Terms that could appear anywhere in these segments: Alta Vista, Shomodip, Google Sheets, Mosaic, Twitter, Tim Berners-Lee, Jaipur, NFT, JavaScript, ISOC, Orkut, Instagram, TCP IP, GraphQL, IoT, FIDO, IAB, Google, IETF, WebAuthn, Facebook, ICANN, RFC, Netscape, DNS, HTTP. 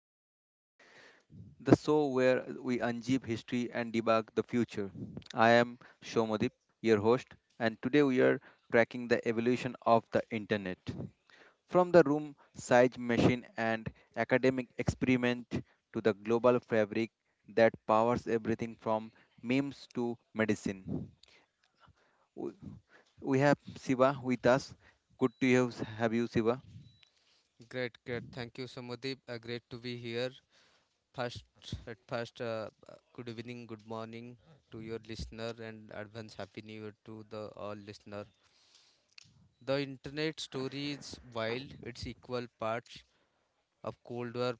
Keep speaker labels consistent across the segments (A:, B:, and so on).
A: Narrative, the show where we unzip history and debug the future. I am Shomodip, your host, and today we are tracking the evolution of the internet. From the room size machine and academic experiment to the global fabric that powers everything from memes to medicine. W- We have Siva with us. Good to have you, Siva.
B: Great, great. Thank you, Samadip. Great to be here. First, Good evening, good morning to your listener, and advance happy new year to the all listener. The internet story is wild. It's equal parts of Cold War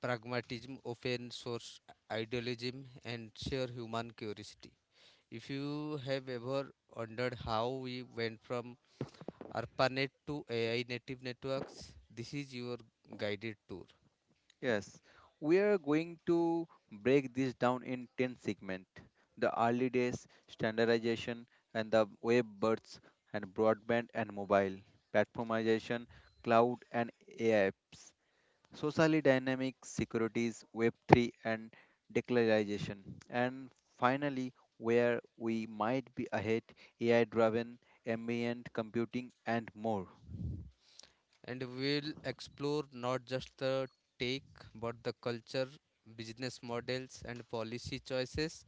B: pragmatism, open source idealism, and sheer human curiosity. If you have ever wondered how we went from ARPANET to AI native networks, this is your guided tour.
A: Yes, we are going to break this down in 10 segments, the early days, standardization, and the web births, and broadband and mobile, platformization, cloud and AI apps, socially dynamic securities, Web3, and declarization. And finally, where we might be ahead, AI driven, ambient computing, and more.
B: And we'll explore not just the tech, but the culture, business models, and policy choices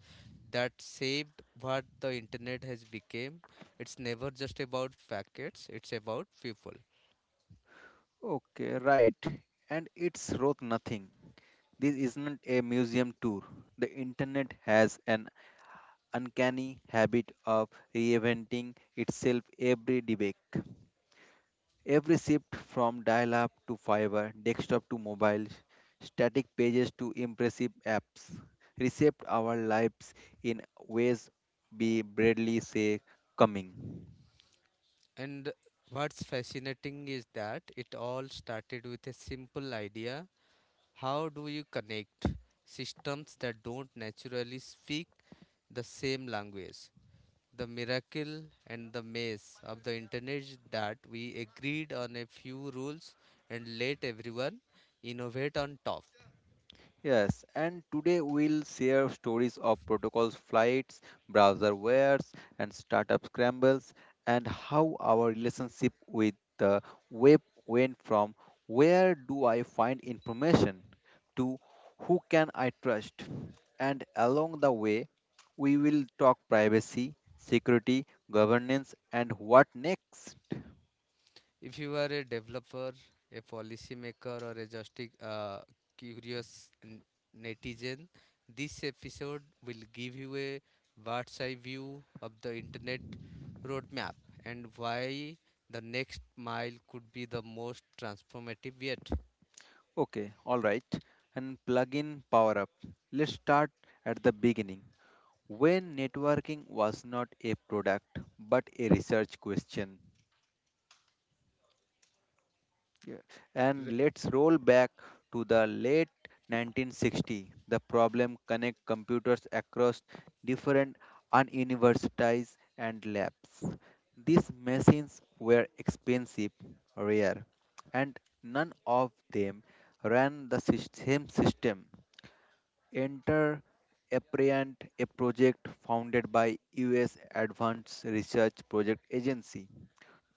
B: that shaped what the internet has become. It's never just about packets; it's about people.
A: Okay, right. And it's worth nothing. This isn't a museum tour. The internet has an uncanny habit of reinventing itself every debate. Every shift from dial up to fiber, desktop to mobile, static pages to impressive apps, reshaped our lives in ways we barely say coming.
B: And what's fascinating is that it all started with a simple idea: how do you connect systems that don't naturally speak the same language? The miracle and the maze of the internet is that we agreed on a few rules and let everyone innovate on top.
A: Yes, and today we'll share stories of protocols flights, browser wares, and startup scrambles, and how our relationship with the web went from where do I find information to who can I trust. And along the way, we will talk privacy, security, governance, and what next.
B: If you are a developer, a policymaker, or a just uh, curious netizen, this episode will give you a bird's eye view of the internet roadmap and why the next mile could be the most transformative yet.
A: Okay, all right, and plug in power up. Let's start at the beginning, when networking was not a product but a research question. Yeah. And let's roll back to the late 1960. The problem, connect computers across different universities and labs. These machines were expensive, rare, and none of them ran the same system. Enter Appreant, a project founded by US Advanced Research Project Agency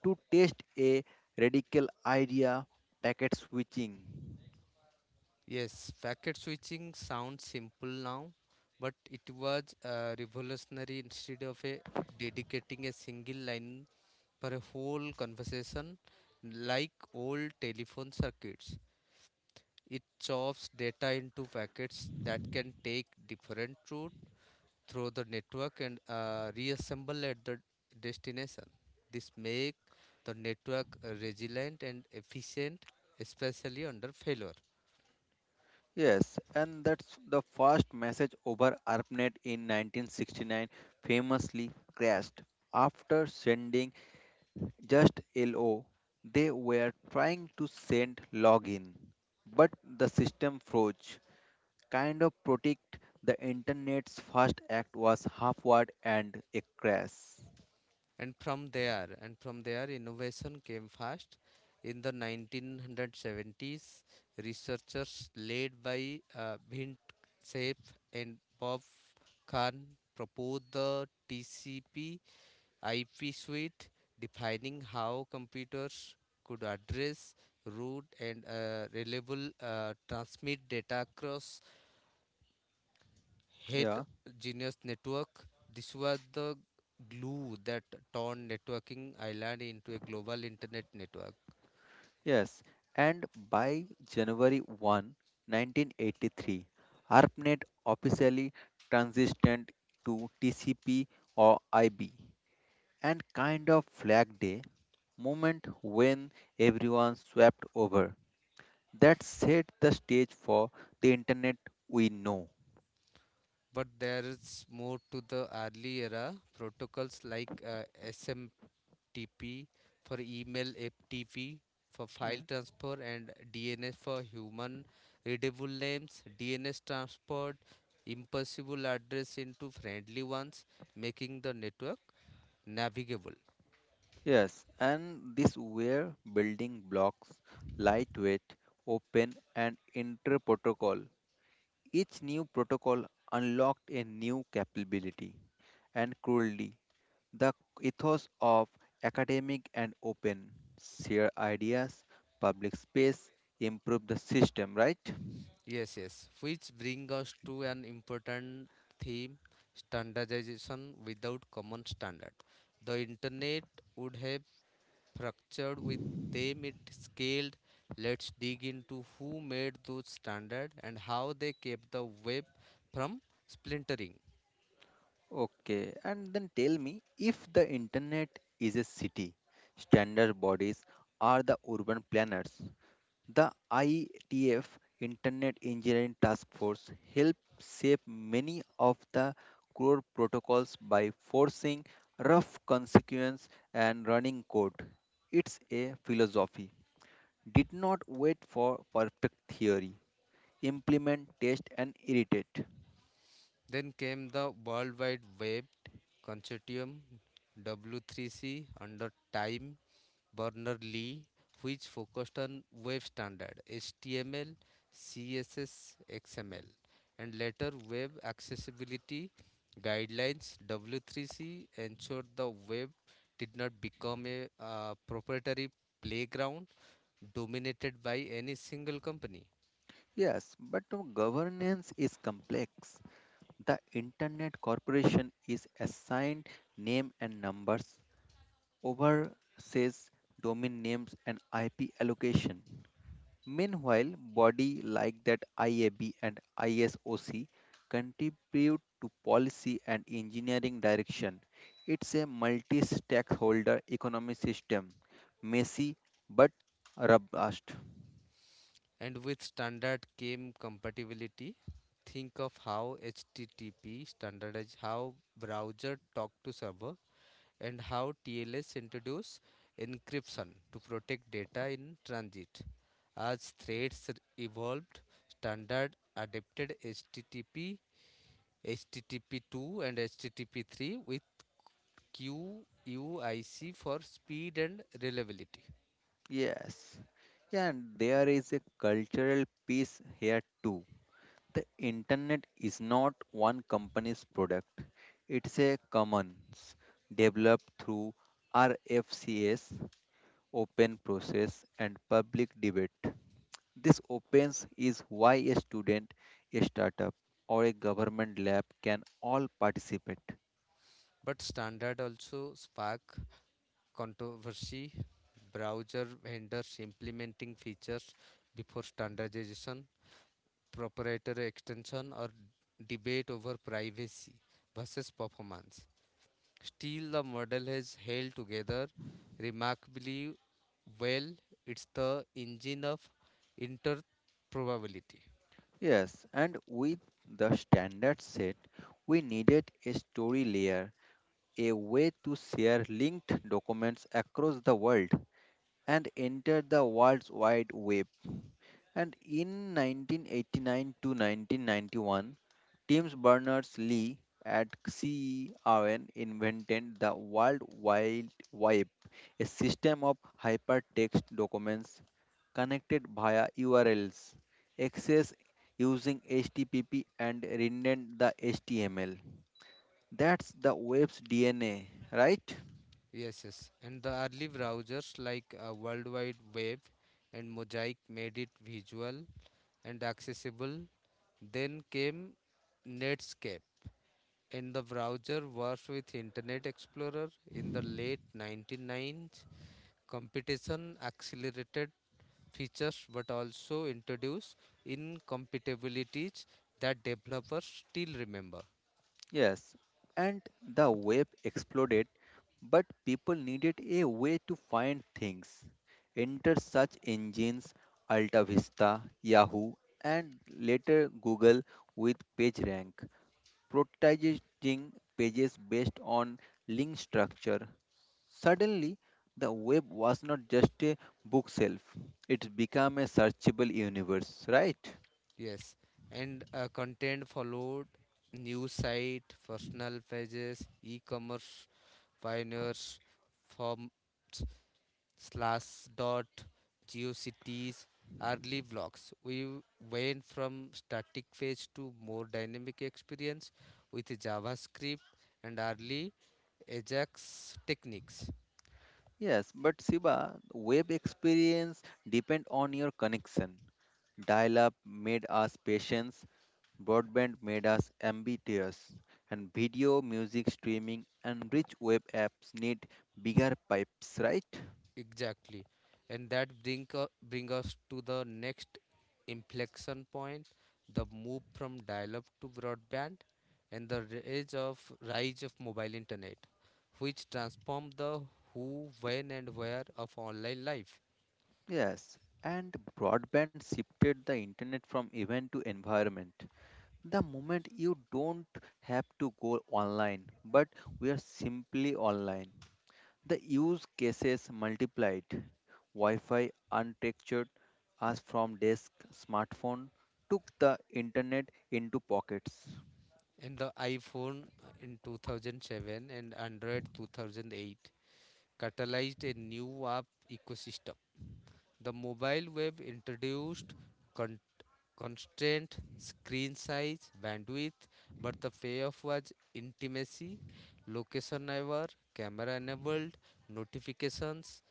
A: to test a radical idea, packet switching.
B: Yes, packet switching sounds simple now, but it was revolutionary instead of a dedicating a single line for a whole conversation like old telephone circuits. It chops data into packets that can take different route through the network and reassemble at the destination. This make the network resilient and efficient, especially under failure.
A: Yes, and that's the first message over ARPANET in 1969, famously crashed. After sending just LO, they were trying to send login, but the system froze. Kind of protect, the internet's first act was halfward and a crash.
B: And from there innovation came fast in the 1970s. Researchers led by Bhind Seif and Bob Kahn proposed the TCP IP suite defining how computers could address route and reliable transmit data across hit
A: Yeah,
B: Genius Network. This was the glue that turned networking island into a global internet network.
A: yes. And by January 1, 1983, ARPANET officially transitioned to TCP or IB, and kind of flag day moment when everyone swept over. That set the stage for the internet we know.
B: But there is more to the early era protocols like SMTP for email, FTP for file transfer, and DNS for human readable names. DNS transferred impossible address into friendly ones, making the network navigable.
A: Yes, and these were building blocks, lightweight, open, and inter protocol. Each new protocol unlocked a new capability and cruelty. The ethos of academic and open, share ideas, public space, improve the system, right?
B: Yes, yes. Which bring us to an important theme standardization without common standard. The internet would have fractured with them it scaled. Let's dig into who made those standards and how they kept the web from splintering.
A: Okay, and then tell me, if the internet is a city, standard bodies are the urban planners. The IETF, Internet Engineering Task Force, helped shape many of the core protocols by forcing rough consequence and running code. It's a philosophy. Did not wait for perfect theory. Implement, test, and irritate.
B: Then came the World Wide Web Consortium W3C under time Berners-Lee, which focused on web standard HTML, CSS, XML, and later web accessibility guidelines. W3C ensured the web did not become a proprietary playground dominated by any single company.
A: Yes, but no, governance is complex. The Internet Corporation is assigned name and numbers, over says domain names and IP allocation. Meanwhile, body like that IAB and ISOC contribute to policy and engineering direction. It's a multi-stakeholder economy system, messy but robust.
B: And with standard came compatibility. Think of how HTTP standardized how browser talk to server and how TLS introduced encryption to protect data in transit. As threats evolved, standard adapted HTTP, HTTP2, and HTTP3 with QUIC for speed and reliability.
A: Yes, and there is a cultural piece here too. The internet is not one company's product. It's a commons developed through RFCS, open process and public debate. This opens is why a student, a startup or a government lab can all participate.
B: But standard also sparked controversy. Browser vendors implementing features before standardization proprietary extension or debate over privacy versus performance. Still, the model has held together remarkably well. It's the engine of interprobability.
A: Yes, and with the standard set, we needed a story layer, a way to share linked documents across the world, and entered the world's wide web. And in 1989 to 1991, Tim Berners-Lee at CERN invented the World Wide Web, a system of hypertext documents connected via URLs, accessed using HTTP and renamed the HTML. That's the web's DNA, right?
B: Yes, yes. And the early browsers like World Wide Web and Mosaic made it visual and accessible. Then came Netscape, and the browser was with Internet Explorer in the late 1990s. Competition accelerated features but also introduced incompatibilities that developers still remember.
A: Yes, and the web exploded, but people needed a way to find things. Enter search engines, Alta Vista, Yahoo, and later Google with PageRank, prioritizing pages based on link structure. Suddenly, the web was not just a bookshelf, it became a searchable universe, right?
B: Yes, and content followed news site, personal pages, e-commerce pioneers, forms slash dot geocities early vlogs. We went from static phase to more dynamic experience with javascript and early ajax techniques.
A: Yes, but Siba, web experience depend on your connection. Dial up made us patience, broadband made us ambitious, and video, music streaming, and rich web apps need bigger pipes, right?
B: Exactly, and that bring us to the next inflection point, the move from dial-up to broadband and the rise of mobile internet which transformed the who when and where of online life.
A: Yes, and broadband shifted the internet from event to environment. The moment you don't have to go online, but we are simply online. The use cases multiplied. Wi-Fi unstructured us from desk, smartphone took the internet into pockets.
B: In the iPhone in 2007 and Android 2008 catalyzed a new app ecosystem. The mobile web introduced con- constraint, screen size, bandwidth, but the payoff was intimacy, location aware, camera enabled, notifications,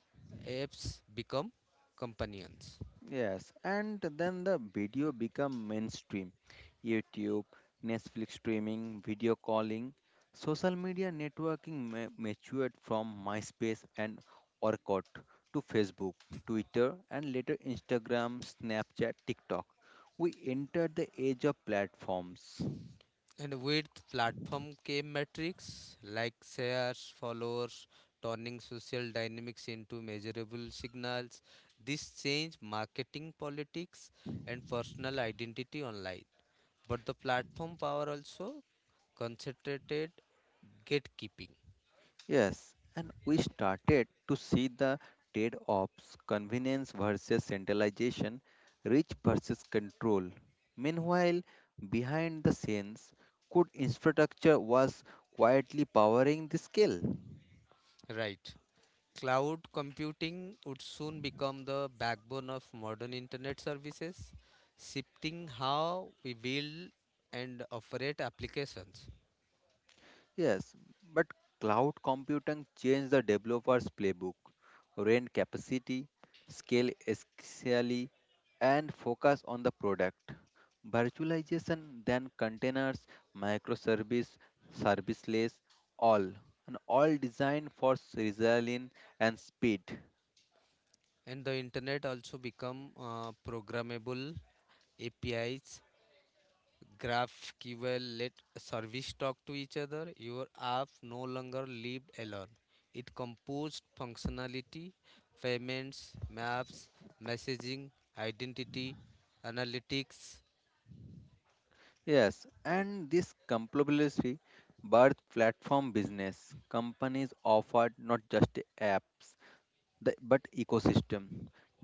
B: apps become companions.
A: Yes, and then the video become mainstream. YouTube, Netflix streaming, video calling, social media networking matured from MySpace and Orkut to Facebook, Twitter, and later Instagram, Snapchat, TikTok. We entered the age of platforms.
B: And with platform came metrics like shares, followers, turning social dynamics into measurable signals. This changed marketing, politics, and personal identity online. But the platform power also concentrated gatekeeping.
A: Yes, and we started to see the trade offs, convenience versus centralization, reach versus control. Meanwhile, behind the scenes, good infrastructure was quietly powering the scale.
B: Right. Cloud computing would soon become the backbone of modern internet services, shifting how we build and operate applications.
A: Yes, but cloud computing changed the developer's playbook. Rent capacity, scale escalate, and focus on the product. Virtualization, then containers, microservice, serviceless, all, and all designed for resilience and speed.
B: And the internet also become programmable apis graphql let service talk to each other. Your app no longer lived alone. It composed functionality payments, maps, messaging, identity, analytics.
A: Yes, and this compatibility birth platform business, companies offered not just apps. The, but ecosystem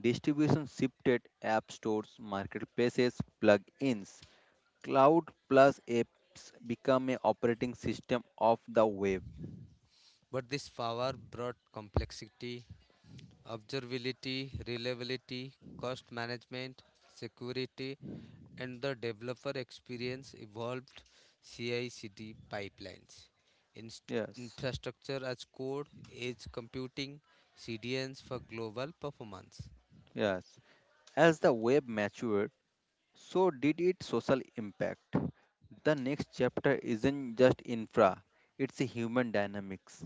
A: distribution shifted app stores, marketplaces, plugins, cloud plus apps become a operating system of the web.
B: But this power brought complexity observability, reliability, cost management, security, and the developer experience evolved CI CD pipelines, inst-
A: Yes,
B: infrastructure as code, edge computing, CDNs for global performance.
A: yes. As the web matured, so did its social impact. The next chapter isn't just infra, it's a human dynamics,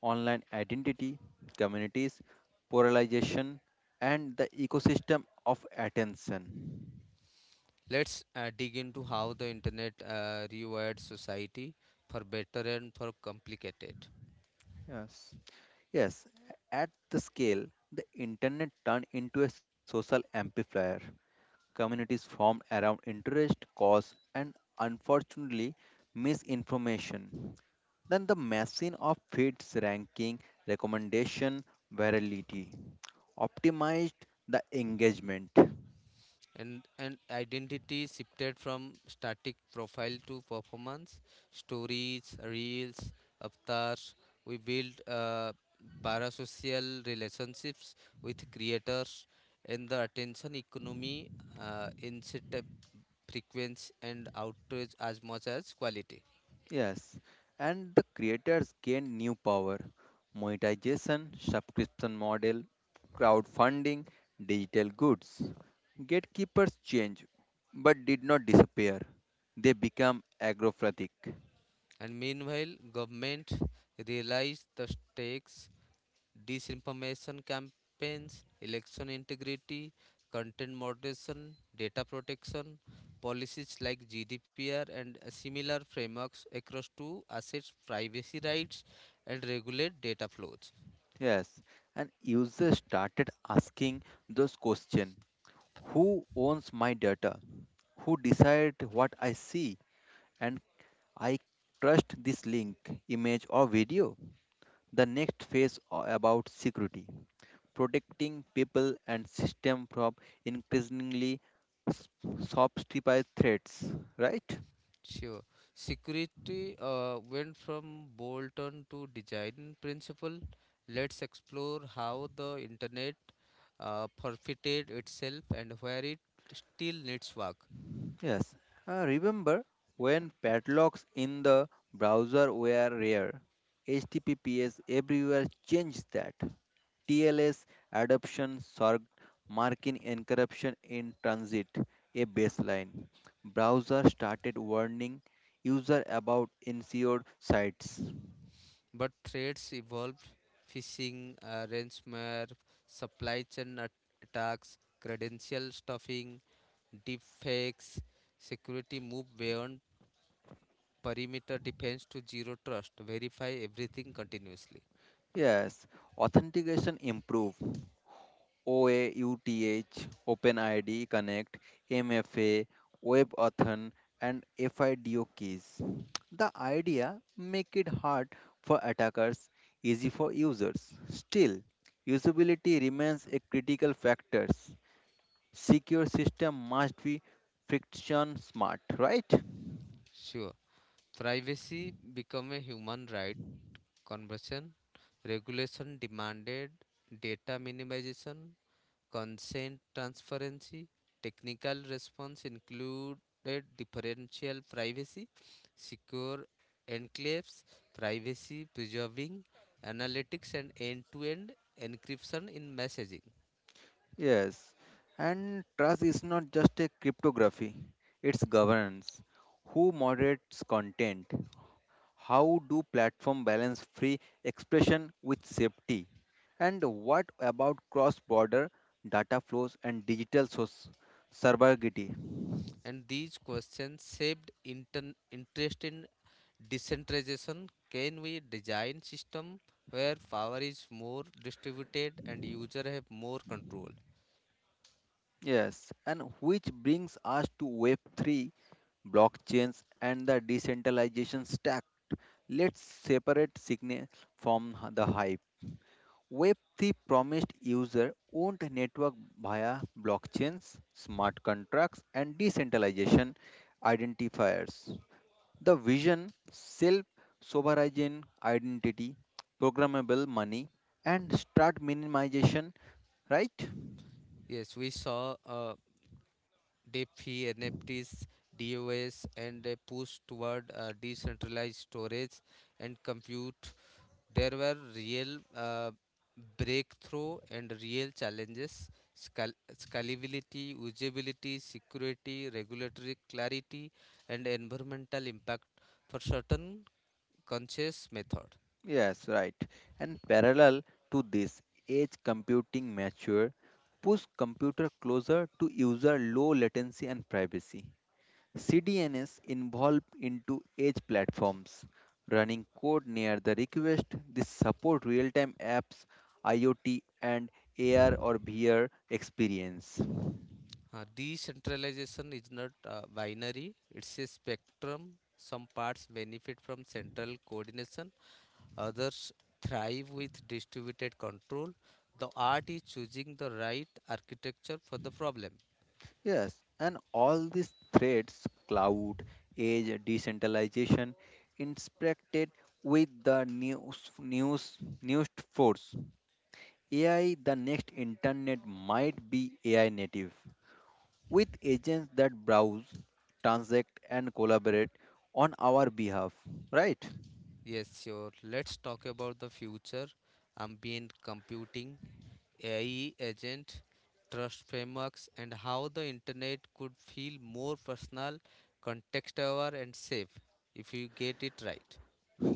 A: online identity, communities, polarization, and the ecosystem of attention.
B: Let's dig into how the internet rewired society for better and for complicated.
A: Yes. Yes, at the scale, the internet turned into a social amplifier. Communities formed around interest, cause, and unfortunately, misinformation. Then the machine of feeds ranking, recommendation, virality optimized the engagement.
B: And identity shifted from static profile to performance stories, reels, avatars. We built parasocial relationships with creators, and the attention economy incentive frequency and outrage as much as quality.
A: Yes, and the creators gain new power. Monetization, subscription model, crowdfunding, digital goods. Gatekeepers change, but did not disappear. They become agrophatic.
B: And meanwhile government realized the stakes disinformation campaigns, election integrity, content moderation, data protection, policies like GDPR and similar frameworks across to assets privacy rights and regulate data flows.
A: Yes, and users started asking those questions. Who owns my data? Who decide what I see? And I trust this link, image or video? The next phase about security, protecting people and system from increasingly s- sophisticated threats, right?
B: Sure. Security went from bolt-on to design principle. Let's explore how the internet forfeited itself and where it still needs work.
A: Yes. Remember when padlocks in the browser were rare, HTTPS everywhere changed that. TLS adoption sorged marking encryption in transit a baseline. Browser started warning user about insured sites.
B: But threats evolved phishing, ransomware, supply chain attacks, credential stuffing, deepfakes. Security move beyond perimeter defense to zero trust, verify everything continuously.
A: Yes, authentication improved. OAUTH, OpenID Connect, MFA, WebAuthn, and FIDO keys. The idea, make it hard for attackers, easy for users. Still, usability remains a critical factor. Secure system must be friction smart, right?
B: Sure. Privacy become a human right. Conversion regulation demanded data minimization consent transparency. Technical response included differential privacy, secure enclaves, privacy preserving analytics, and end to end encryption in messaging.
A: Yes. And trust is not just a cryptography, it's governance. Who moderates content? How do platform balance free expression with safety? And what about cross-border data flows and digital source sovereignty?
B: And these questions shaped interest in decentralization. Can we design system where power is more distributed and user have more control?
A: Yes, and which brings us to Web3, blockchains, and the decentralization stack. Let's separate signal from the hype. Web3 promised user owned network via blockchains, smart contracts, and decentralization identifiers. The vision, self sovereign identity, programmable money, and start minimization, right?
B: Yes, we saw DeFi, NFTs, DOS, and a push toward decentralized storage and compute. There were real breakthrough and real challenges scalability, usability, security, regulatory clarity, and environmental impact for certain conscious method.
A: Yes, right. And parallel to this, edge computing mature, push computer closer to user low latency and privacy. CDNs involved into edge platforms, running code near the request. This support real-time apps, IoT, and AR or VR experience.
B: Decentralization is not binary, it's a spectrum. Some parts benefit from central coordination. Others thrive with distributed control. The art is choosing the right architecture for the problem.
A: Yes, and all these threats cloud, age, decentralization inspected with the news force. AI, the next internet, might be AI native with agents that browse, transact, and collaborate on our behalf, right?
B: Yes, sure. Let's talk about the future ambient computing, AI agent, trust frameworks, and how the internet could feel more personal, context aware, and safe if you get it right.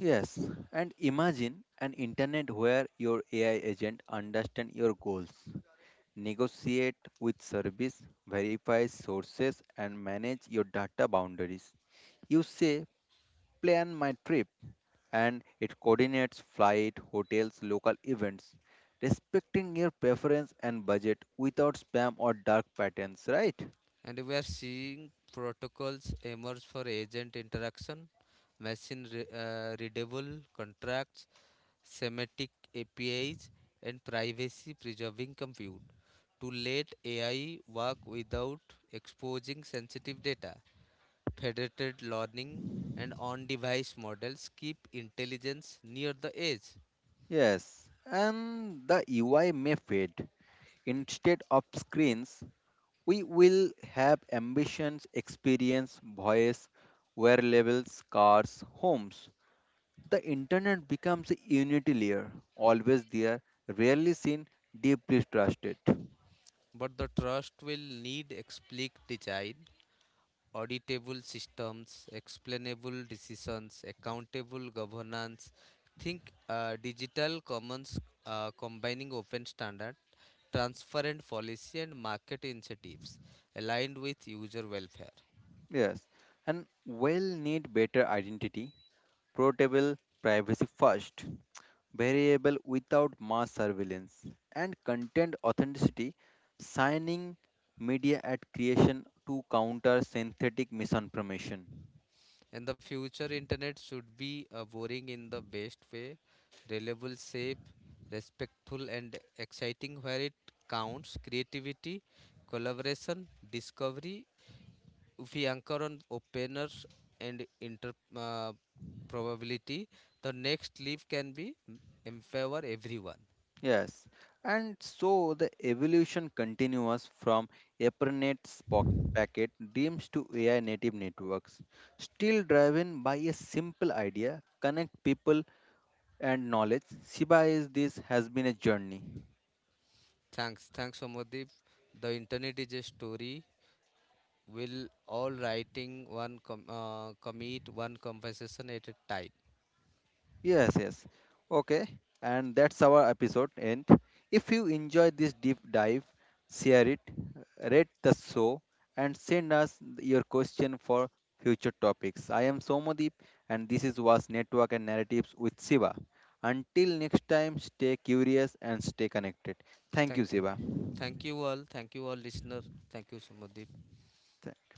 A: Yes, and imagine an internet where your AI agent understand your goals, negotiate with service, verify sources, and manage your data boundaries. You say, plan my trip, and it coordinates flight, hotels, local events, respecting your preference and budget without spam or dark patterns, right?
B: And we are seeing protocols emerge for agent interaction, machine readable contracts semantic APIs, and privacy preserving compute to let AI work without exposing sensitive data. Federated learning and on device models keep intelligence near the edge,
A: Yes, and the UI may fade. Instead of screens, we will have ambitions, experience, voice, wearables, cars, homes. The internet becomes a unity layer, always there, rarely seen, deeply trusted.
B: but the trust will need explicit design auditable systems, explainable decisions, accountable governance. Think digital commons combining open standard, transparent policy and market incentives aligned with user welfare.
A: Yes, and will need better identity, portable, privacy first, variable without mass surveillance, and content authenticity, signing media at creation to counter synthetic misinformation.
B: In the future, internet should be boring in the best way, reliable, safe, respectful and exciting where it counts creativity, collaboration, discovery. If we anchor on openers and inter probability, the next leaf can be in favor everyone.
A: Yes, and so the evolution continues from ARPANET's packet dreams to AI native networks, still driven by a simple idea, connect people and knowledge. Shiba is this has been a journey.
B: Thanks, thanks, Somadip. The internet is a story. Will all writing commit one conversation at a time.
A: Yes, yes. Okay, and that's our episode end. If you enjoyed this deep dive, share it, rate the show, and send us your question for future topics. I am Somadeep, and this is was Network and Narratives with Siva. Until next time, stay curious and stay connected. Thank you,
B: Thank you,
A: Siva.
B: thank you all listener. Thank you, Somadip.
A: Th-